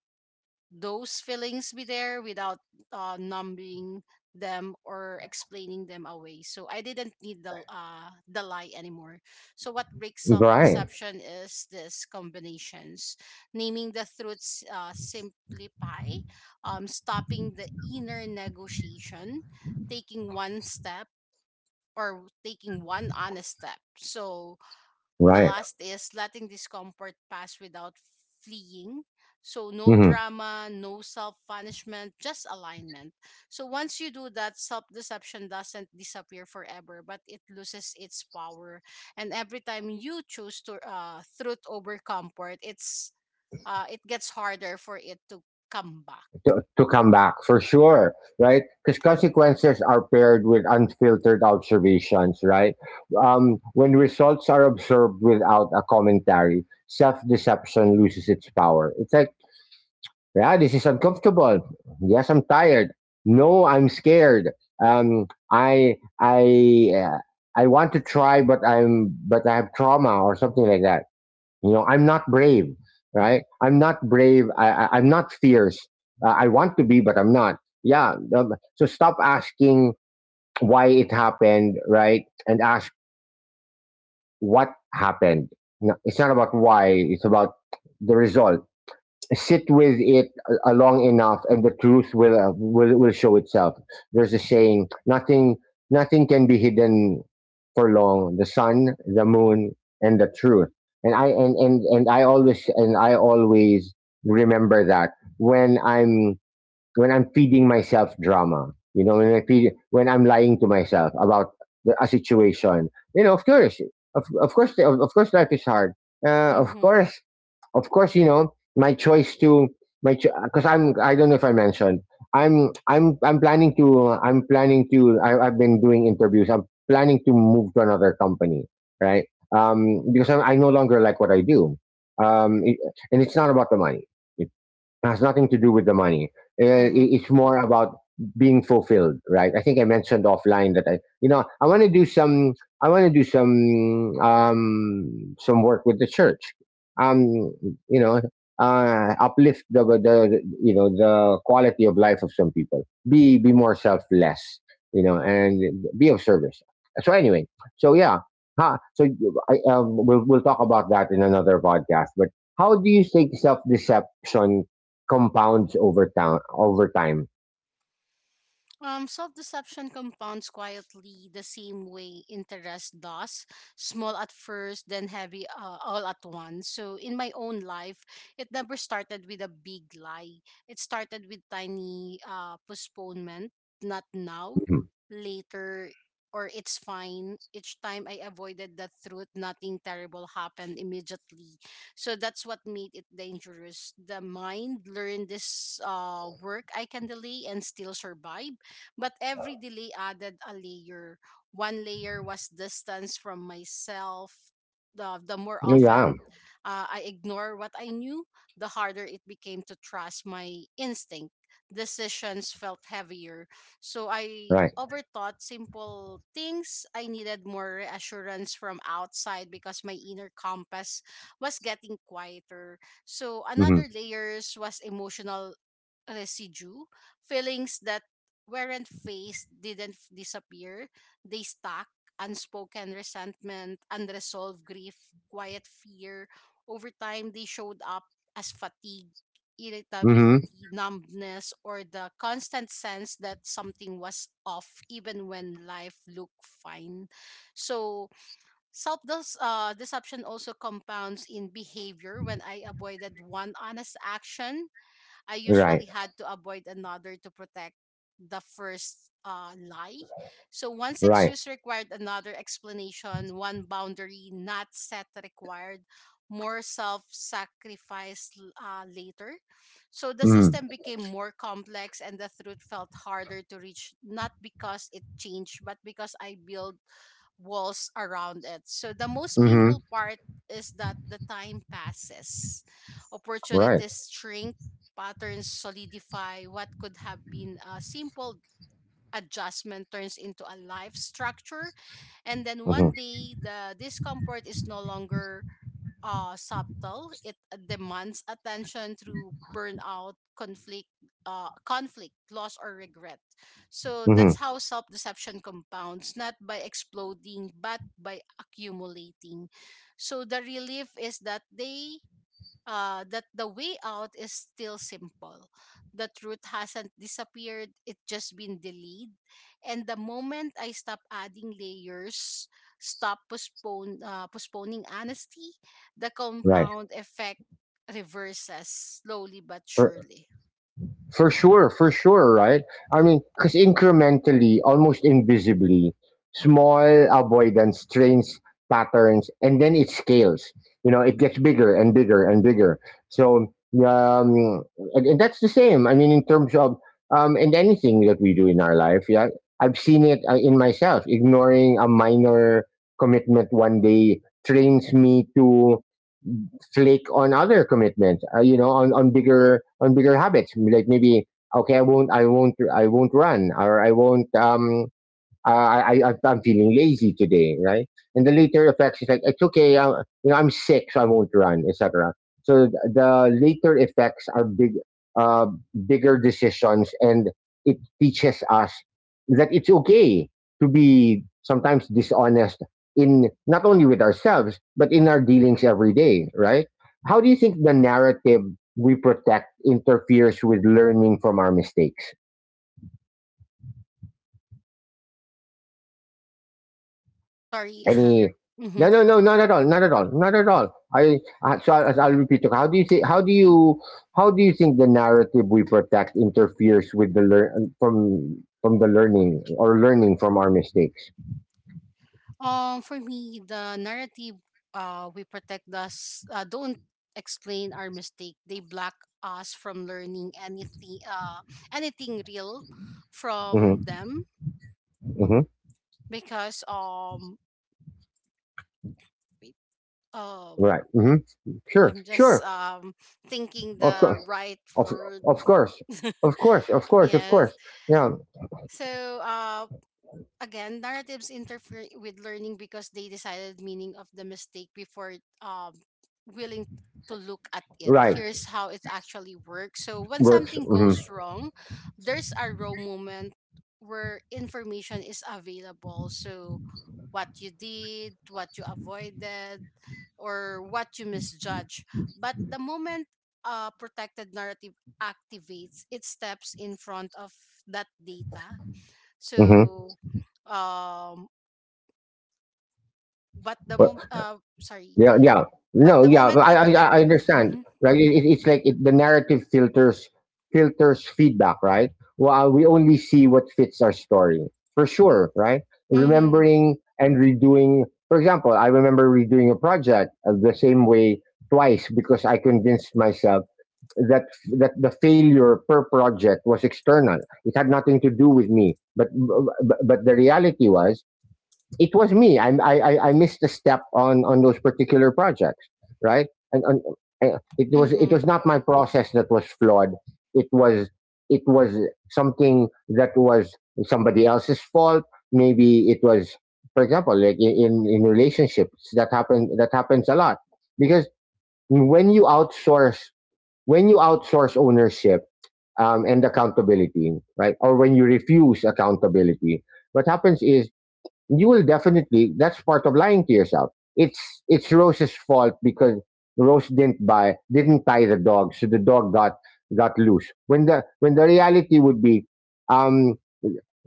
those feelings be there without numbing them or explaining them away. So I didn't need the the lie anymore. So what breaks up
Right.
deception is this combinations, naming the truths simplify, stopping the inner negotiation, taking one step or taking one honest step. So the
Right.
last is letting discomfort pass without fleeing. So, no
Mm-hmm.
drama, no self punishment, just alignment. So, once you do that, self deception doesn't disappear forever, but it loses its power. And every time you choose to truth over comfort, it gets harder for it to come back.
To come back for sure, right? Because consequences are paired with unfiltered observations, right? When results are observed without a commentary, self deception loses its power. It's like, yeah, this is uncomfortable. Yes, I'm tired. No, I'm scared. Um, I I uh, I want to try, but I have trauma or something like that. You know, I'm not brave, right? I'm not brave. I'm not fierce. I want to be, but I'm not. Yeah. So stop asking why it happened, right? And ask what happened. No, it's not about why, it's about the result. Sit with it long enough and the truth will, will show itself. There's a saying, nothing can be hidden for long: the sun, the moon, and the truth. And I and I always remember that when i'm when I'm feeding myself drama, when I'm lying to myself about a situation, you know. Of course, of course, of course, life is hard. Of
Mm-hmm.
course, of course, my choice to my, because I'm, I don't know if I mentioned I'm planning to I, I've been doing interviews. I'm planning to move to another company, right? Because I no longer like what I do. Um, it- and it's not about the money. It has nothing to do with the money.
Mm-hmm.
It's more about being fulfilled, right? I think I mentioned offline that I want to do some, some work with the church. Um, you know, Uplift the quality of life of some people. Be more selfless, and be of service. So anyway, so yeah, huh? So we'll talk about that in another podcast. But how do you think self deception compounds over time? Over time?
Self deception compounds quietly the same way interest does, small at first, then heavy all at once. So, in my own life, it never started with a big lie. It started with tiny postponement, not now,
Mhm.
later, or it's fine. Each time I avoided the truth, nothing terrible happened immediately. So, that's what made it dangerous. The mind learned this work I can delay and still survive, but every delay added a layer. One layer was distance from myself. The more
Yeah.
often I ignore what I knew, the harder it became to trust my instinct. Decisions felt heavier. So I
Right.
overthought simple things. I needed more reassurance from outside because my inner compass was getting quieter. So
Hmm.
another layers was emotional residue, feelings that weren't faced didn't f- disappear. They stuck, unspoken resentment, unresolved grief, quiet fear. Over time, they showed up as fatigue,
Hmm.
irritability, numbness, or the constant sense that something was off even when life looked fine. So, self deception also compounds in behavior when I avoided one honest action I
Right.
usually had to avoid another to protect the first lie. So one
Right.
excuse required another explanation, one boundary not set required more self sacrifice later. So the
Hmm.
system became more complex and the truth felt harder to reach, not because it changed, but because I built walls around it. So the most
Hmm.
painful part is that the time passes,
Right.
opportunities shrink, patterns solidify. What could have been a simple adjustment turns into a life structure, and then
Hmm.
one day the discomfort is no longer subtle. It demands attention through burnout conflict, conflict loss or regret. So
Hmm.
that's how self-deception compounds, not by exploding but by accumulating. So the relief is that the way out is still simple. The truth hasn't disappeared, it's just been delayed. And the moment I stop adding layers, stop postponing honesty, the
Right.
compound effect reverses slowly but
So
surely.
for sure, for sure, right? I mean, because incrementally, almost invisibly, small avoidance trains patterns and then it scales. You know, it gets bigger and bigger and bigger. So, um, and that's the same. I mean, in terms of, and anything that we do in our life, yeah, I've seen it, in myself. Ignoring a minor commitment one day trains me to flake on other commitments, on bigger habits, like maybe okay, I won't run, or I won't I- am feeling lazy today, right? And the later effects is like, it's okay, I'm sick, so I won't run, etc. So the later effects are big, uh, bigger decisions, and it teaches us that it's okay to be sometimes dishonest, in not only with ourselves but in our dealings every day, right? How do you think the narrative we protect interferes with learning from our mistakes?
Sorry.
Any? No,
Mhm.
no, no, not at all, not at all, not at all. I'll repeat. How do you say? How do you? How do you think the narrative we protect interferes with the learn from the learning or learning from our mistakes?
For me, the narrative we protect us don't explain our mistake. They block us from learning anything anything real from
Hmm.
them
Hmm.
because wait, um
Right. Hmm. Sure.
I'm just
Sure.
thinking
Of
the
course.
right
Of
word.
of course. Of course. Of course. Of
Yes.
course. Yeah.
So again, narratives interfere with learning because they decided meaning of the mistake before um, willing to look at it.
Right.
Here's how it actually works. So when
Works.
something
Hmm.
goes wrong, there's a raw moment where information is available. So what you did, what you avoided, or what you misjudge. But the moment a protected narrative activates, it steps in front of that data.
Hmm.
So, um, but the moment, sorry,
Yeah, yeah.
but
No,
the
yeah, but
moment that
I, I,
protect,
I understand,
mm-hmm,
right? It's like the narrative Filters feedback, right? Well, we only see what fits our story, for sure, right?
mm-hmm,
Remembering and redoing, for example, I remember redoing a project, the same way twice, because I convinced myself that that the failure per project was external. It had nothing to do with me, but but the reality was it was me. I missed a step on those particular projects, right? And it was it
mm-hmm,
was not my process that was flawed. It was, it was something that was somebody else's fault. Maybe it was, for example, like in in relationships that happen, that happens a lot. Because when you outsource when you outsource ownership, and accountability, right? Or when you refuse accountability, what happens is, you will definitely, that's part of lying to yourself. It's Rose's fault because Rose didn't tie the dog, so the dog got loose, when the reality would be, um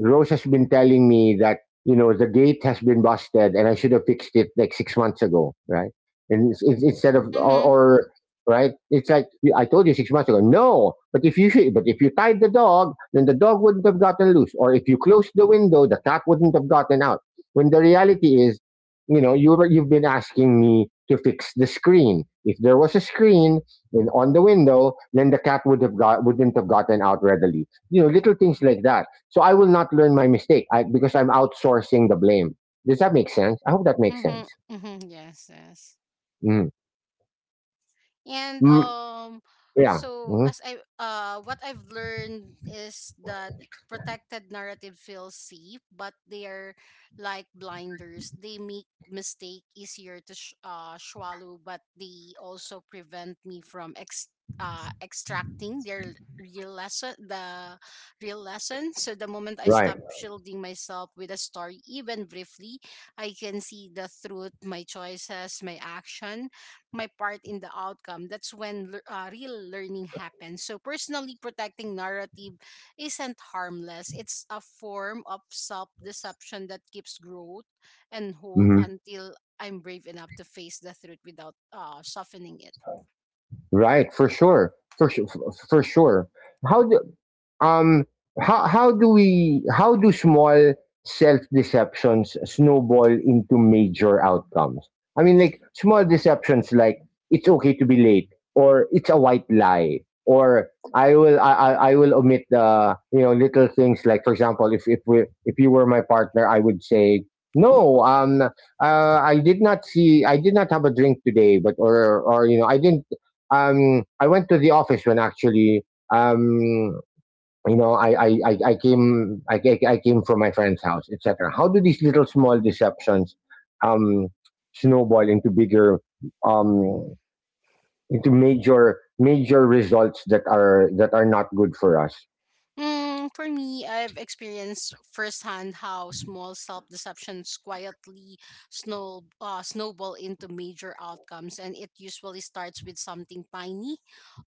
Rose has been telling me that, the gate has been busted and I should have fixed it like 6 months ago, right? And instead of, or,
mm-hmm,
or right, it's like, I told you 6 months ago. No, but if you should, but if you tied the dog, then the dog wouldn't have gotten loose, or if you closed the window, the cat wouldn't have gotten out, when the reality is, you've been asking me to fix the screen. If there was a screen on the window, then the cat wouldn't have gotten out readily. You know, little things like that. So I will not learn my mistake, because I'm outsourcing the blame. Does that make sense? I hope that makes sense.
mm-hmm, yes, yes.
Mm.
And
Mm, yeah.
so
Mhm.
as I what I've learned is that protected narrative feels safe, but they are like blinders. They make mistake easier to swallow, but they also prevent me from extracting their real lesson, the real lesson. So the moment I
Right.
stop shielding myself with a story, even briefly, I can see the truth, my choices, my action, my part in the outcome. That's when real learning happens. So, personally protecting narrative isn't harmless, it's a form of self deception that keeps growth and hold
Mhm.
until I'm brave enough to face the truth without softening it.
Right. For sure. For sure. For sure. How do, um how do we how do small self deceptions snowball into major outcomes? I mean, like small deceptions like, it's okay to be late, or it's a white lie, or I will omit the, little things, like for example, if you were my partner, I would say, no, I did not have a drink today, but, or you know I didn't, I went to the office, when actually, um I came from my friend's house, etc. How do these little small deceptions, um snowball into bigger, um into major results that are not good for us?
Mm, for me, I've experienced firsthand how small self-deceptions quietly snowball into major outcomes, and it usually starts with something tiny,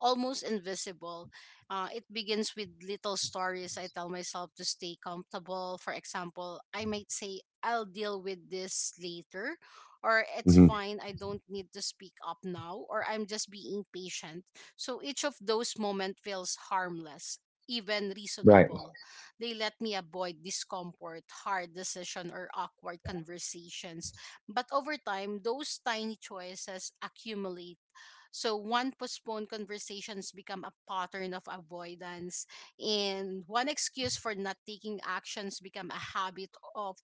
almost invisible. It begins with little stories I tell myself to stay comfortable. For example, I might say, "I'll deal with this later," or "It's
Hmm.
fine, I don't need to speak up now," or "I'm just being patient." So each of those moments feels harmless, even
Right.
reasonable. They let me avoid discomfort, hard decision, or awkward conversations. But over time, those tiny choices accumulate. So one postponed conversations become a pattern of avoidance, and one excuse for not taking actions become a habit of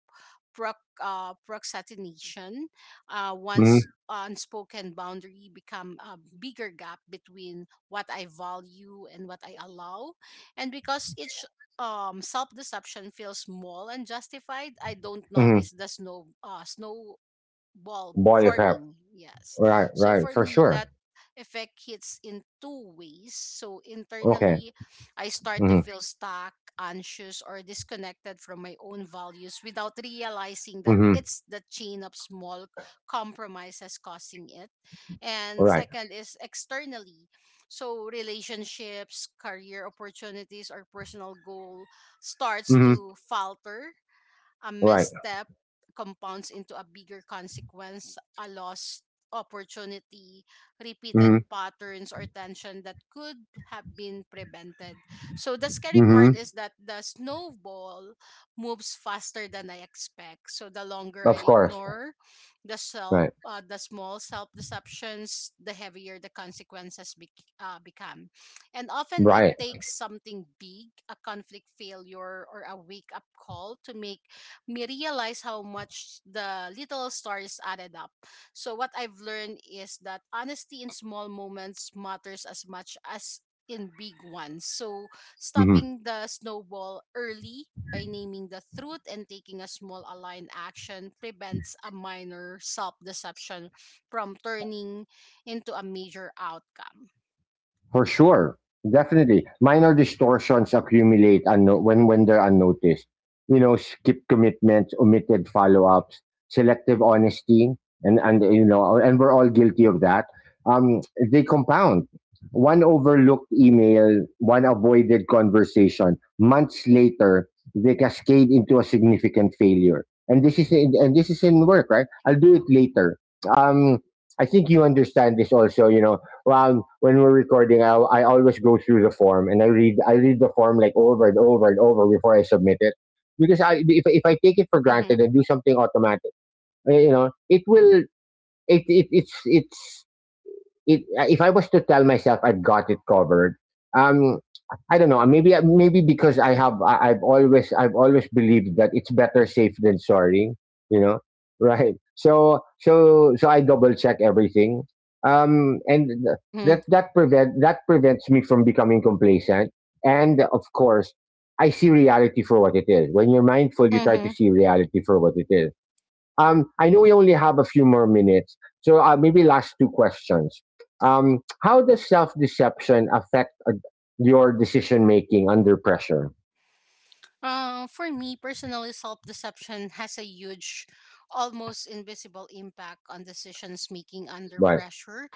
procrastination. Once
Hmm.
unspoken boundary become a bigger gap between what I value and what I allow, and because each self deception feels small and justified, I don't
Hmm.
notice the snow ball
Ball effect.
forming, yes.
Right.
So
Right,
for
for
me,
sure.
that effect hits in two ways. So
Okay.
internally, I start to
Hmm.
feel stuck, anxious, or disconnected from my own values without realizing that
Hmm.
it's the chain of small compromises causing it. And
Right.
second is externally. So relationships, career opportunities, or personal goal starts
Hmm.
to falter, a
Right.
misstep compounds into a bigger consequence, a lost opportunity,
Hmm.
repeated patterns or tension that could have been prevented. So the scary part
Hmm.
is that the snowball moves faster than I expect. So the longer
Of
I
course.
ignore the self
Right.
the small self deceptions, the heavier the consequences become. And often it
Right.
takes something big, a conflict failure or a wake up call to make me realize how much the little stars added up. So what I've learned is that honesty in small moments matters as much as in big ones. So
Mm-hmm.
stopping the snowball early by naming the truth and taking a small aligned action prevents a minor self-deception from turning into a major outcome.
For sure, definitely. Minor distortions accumulate, when they're unnoticed. You know, skip commitments, omitted follow-ups, selective honesty, and we're all guilty of that. Um, they compound. One overlooked email, one avoided conversation. Months later, they cascade into a significant failure. And this is in work, right? I'll do it later. Um, I think you understand this also. You know, well, when we're recording, I always go through the form, and I read the form like over and over and over before I submit it. Because I if I take it for
Mm-hmm.
granted and do something automatic, it will it, it it's it, if I was to tell myself I've got it covered, um, I don't know. Maybe because I've always believed that it's better safe than sorry. You know, right? So I double check everything, um, and th-
Mm-hmm.
that that prevent that prevents me from becoming complacent. And of course, I see reality for what it is. When you're mindful, you try to
Mm-hmm.
see reality for what it is. I know we only have a few more minutes, so maybe last two questions. How does self deception affect, your decision making under pressure?
For me, personally, self deception has a huge, almost invisible impact on decisions making under
Right.
pressure.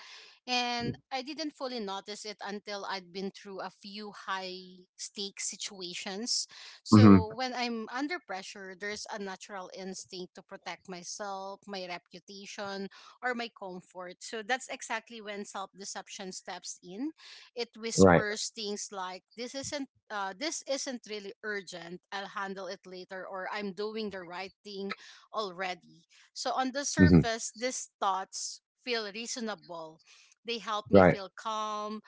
And I didn't fully notice it until I'd been through a few high stakes situations. So
Hmm.
when I'm under pressure, there's a natural instinct to protect myself, my reputation, or my comfort. So that's exactly when self deception steps in. It
Right.
whispers things like, "This isn't really urgent. I'll handle it later," or "I'm doing the right thing already." So, on the
Hmm.
surface, these thoughts feel reasonable, they help me
Right.
feel calm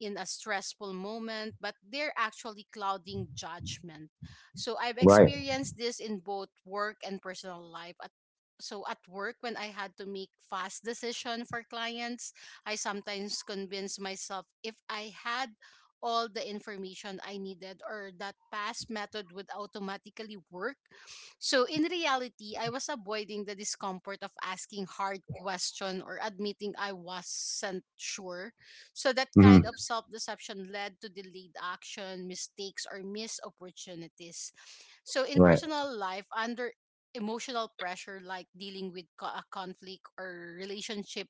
in a stressful moment, but they're actually clouding judgment. So I've
Right.
experienced this in both work and personal life. So at work, when I had to make fast decision for clients, I sometimes convinced myself if I had all the information I needed or that past method would automatically work. So in reality, I was avoiding the discomfort of asking hard question or admitting I wasn't sure. So that
Hmm.
kind of self deception led to delayed action, mistakes, or missed opportunities. So in
Right.
personal life, under emotional pressure like dealing with a conflict or relationship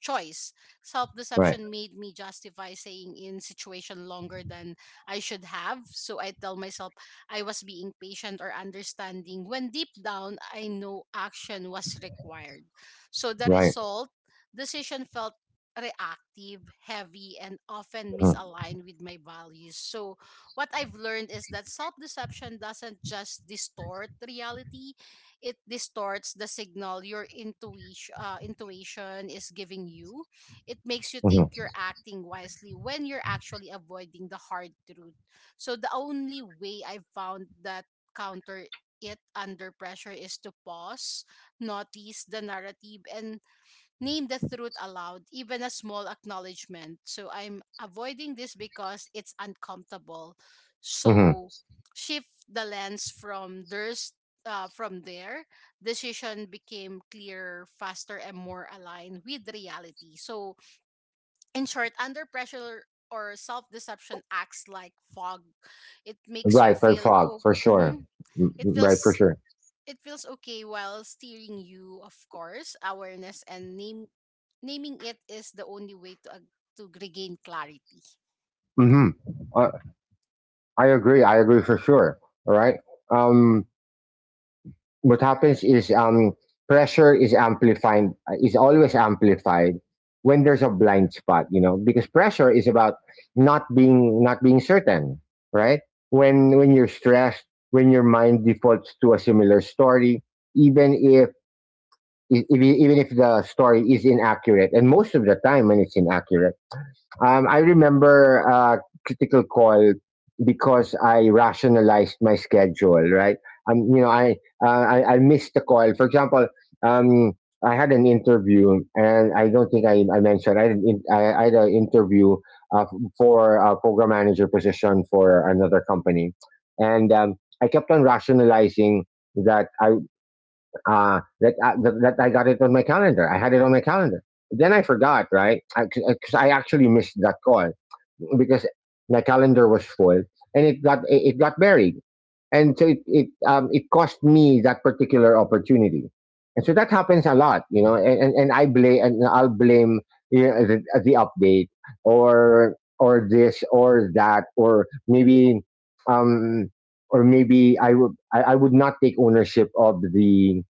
choice. Self
Right.
deception made me justify staying in situation longer than I should have. So I tell myself I was being patient or understanding when deep down I know action was required. So the
Right.
result, decision felt reactive, heavy, and often misaligned with my values. So what I've learned is that self deception doesn't just distort reality, it distorts the signal your intuition is giving you. It makes you think
Mm-hmm.
you're acting wisely when you're actually avoiding the hard truth. So the only way I've found that counter it under pressure is to pause, notice the narrative and name the truth aloud, even a small acknowledgement. So I'm avoiding this because it's uncomfortable.
Hmm.
So shift the lens from there, decision became clearer, faster, and more aligned with reality. So in short, under pressure or self-deception acts like fog. It makes you
Right. For
feel
fog,
oh,
for sure.
mhm.
Mm,
it
right. For
feels
sure.
it feels okay while steering you, of course. Awareness and name naming it is the only way to regain clarity.
Hmm. Uh, I agree. I agree for sure. All right. Um, what happens is, pressure is amplified, is always amplified when there's a blind spot, you know, because pressure is about not being certain, right? When you're stressed, when your mind defaults to a similar story, even if even if the story is inaccurate, and most of the time when it's inaccurate, I remember a critical call because I rationalized my schedule. Right? Um, you know, I I missed the call. For example, um, I had an interview, and I don't think I mentioned, I had an interview, uh, for a program manager position for another company, and I kept on rationalizing that I that I got it on my calendar. I had it on my calendar, then I forgot, right? 'Cause I actually missed that call because the calendar was full and it got buried, and so it it cost me that particular opportunity. And so that happens a lot, and I blame, and I'll blame the update or this or that, um or maybe I would not take ownership of the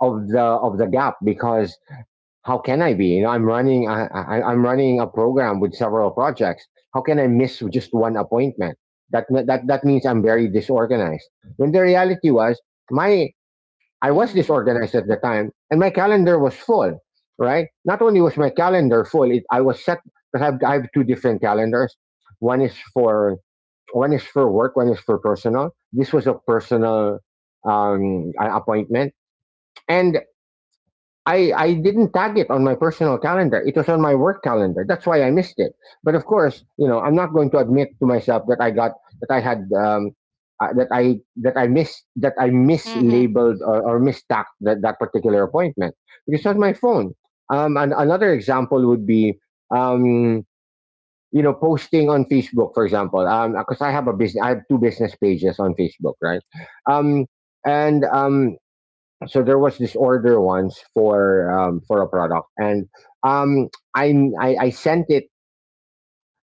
of the of the gap. Because how can I be? You know, I'm running, I'm running a program with several projects. How can I miss just one appointment? That means I'm very disorganized. When the reality was, my, I was
Mhm.
disorganized at the time and my calendar was full, right? Not only was my calendar full, I was set, I have two different calendars. One is for, one is for work, one is for personal. This was a personal appointment. And I didn't tag it on my personal calendar. It was on my work calendar. That's why I missed it. But of course, you know, I'm not going to admit to myself that I got, that I had that I, that I missed, that I
Mhm.
mislabeled or mistacked that, that particular appointment, because it's on my phone. And another example would be, um, posting on Facebook, for example. Because I have a business, I have two business pages on Facebook, right? Um, and So there was this order once for a product, and um, I, I sent it,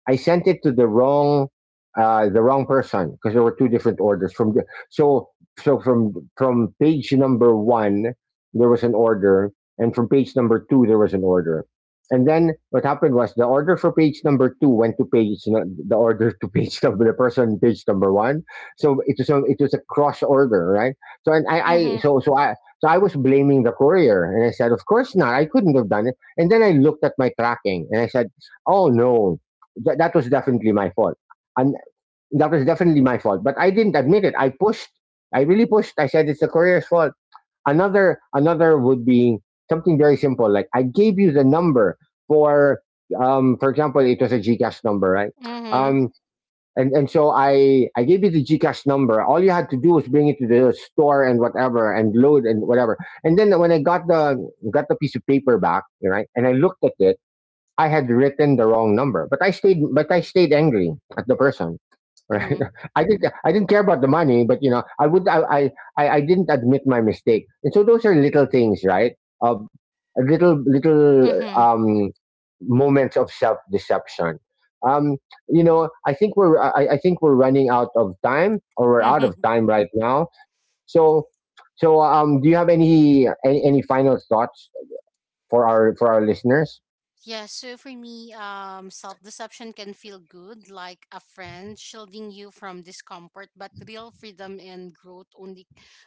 I sent it to the wrong person, because there were two different orders from the, so so from page number one there was an order, and from page number two there was an order. And then what happened was the order for page number two went to page, the order to page number, the person page number one. So it was a cross order, right? So and I
Mhm.
so so I was blaming the courier, and I said of course not, I couldn't have done it. And then I looked at my tracking and I said, oh no. That was definitely my fault. And that was definitely my fault. But I didn't admit it. I pushed. I really pushed. I said it's the courier's fault. Another, another would be something very simple. Like I gave you the number for, for example, it was a Gcash number, right?
Mhm.
Um and so I gave you the Gcash number. All you had to do was bring it to the store and whatever, and load and whatever. And then when I got the, got the piece of paper back, right, and I looked at it, I had written the wrong number. But I stayed, but I stayed angry at the person. Right?
Mhm.
I didn't care about the money, but I didn't admit my mistake. And so those are little things, right? Of little, little
Mhm.
um moments of self deception. Um, I think I think we're running out of time, or we're out of
Mhm.
time right now. So so do you have any any final thoughts for our, for our listeners?
Yeah, so for me, self deception can feel good, like a friend shielding you from discomfort, but real freedom and growth only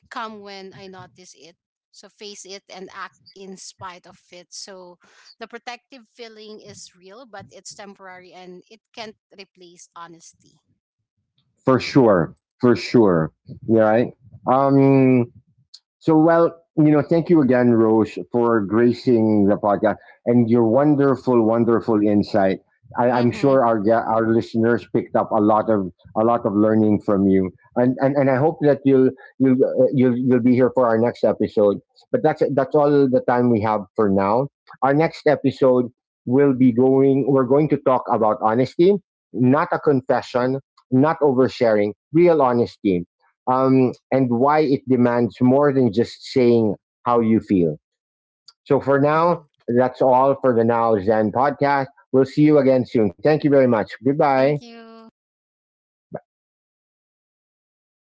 come when I notice it. So face it and act in spite of it. So the protective feeling is real, but it's temporary and it can't replace honesty.
For sure, for sure. Yeah, right. Um, well, you know, thank you again, Roche, for gracing the podcast and your wonderful, wonderful insight. I'm
Mm-hmm.
sure our our listeners picked up a lot of, a lot of learning from you. And and I hope that you'll, you'll be here for our next episode. But that's all the time we have for now. Our next episode will be going, we're going to talk about honesty. Not a confession, not oversharing, real honesty, and why it demands more than just saying how you feel. So for now,
Mm-hmm.
that's all for the Now Zen podcast. We'll see you again soon. Thank you very much. Goodbye.
Thank you.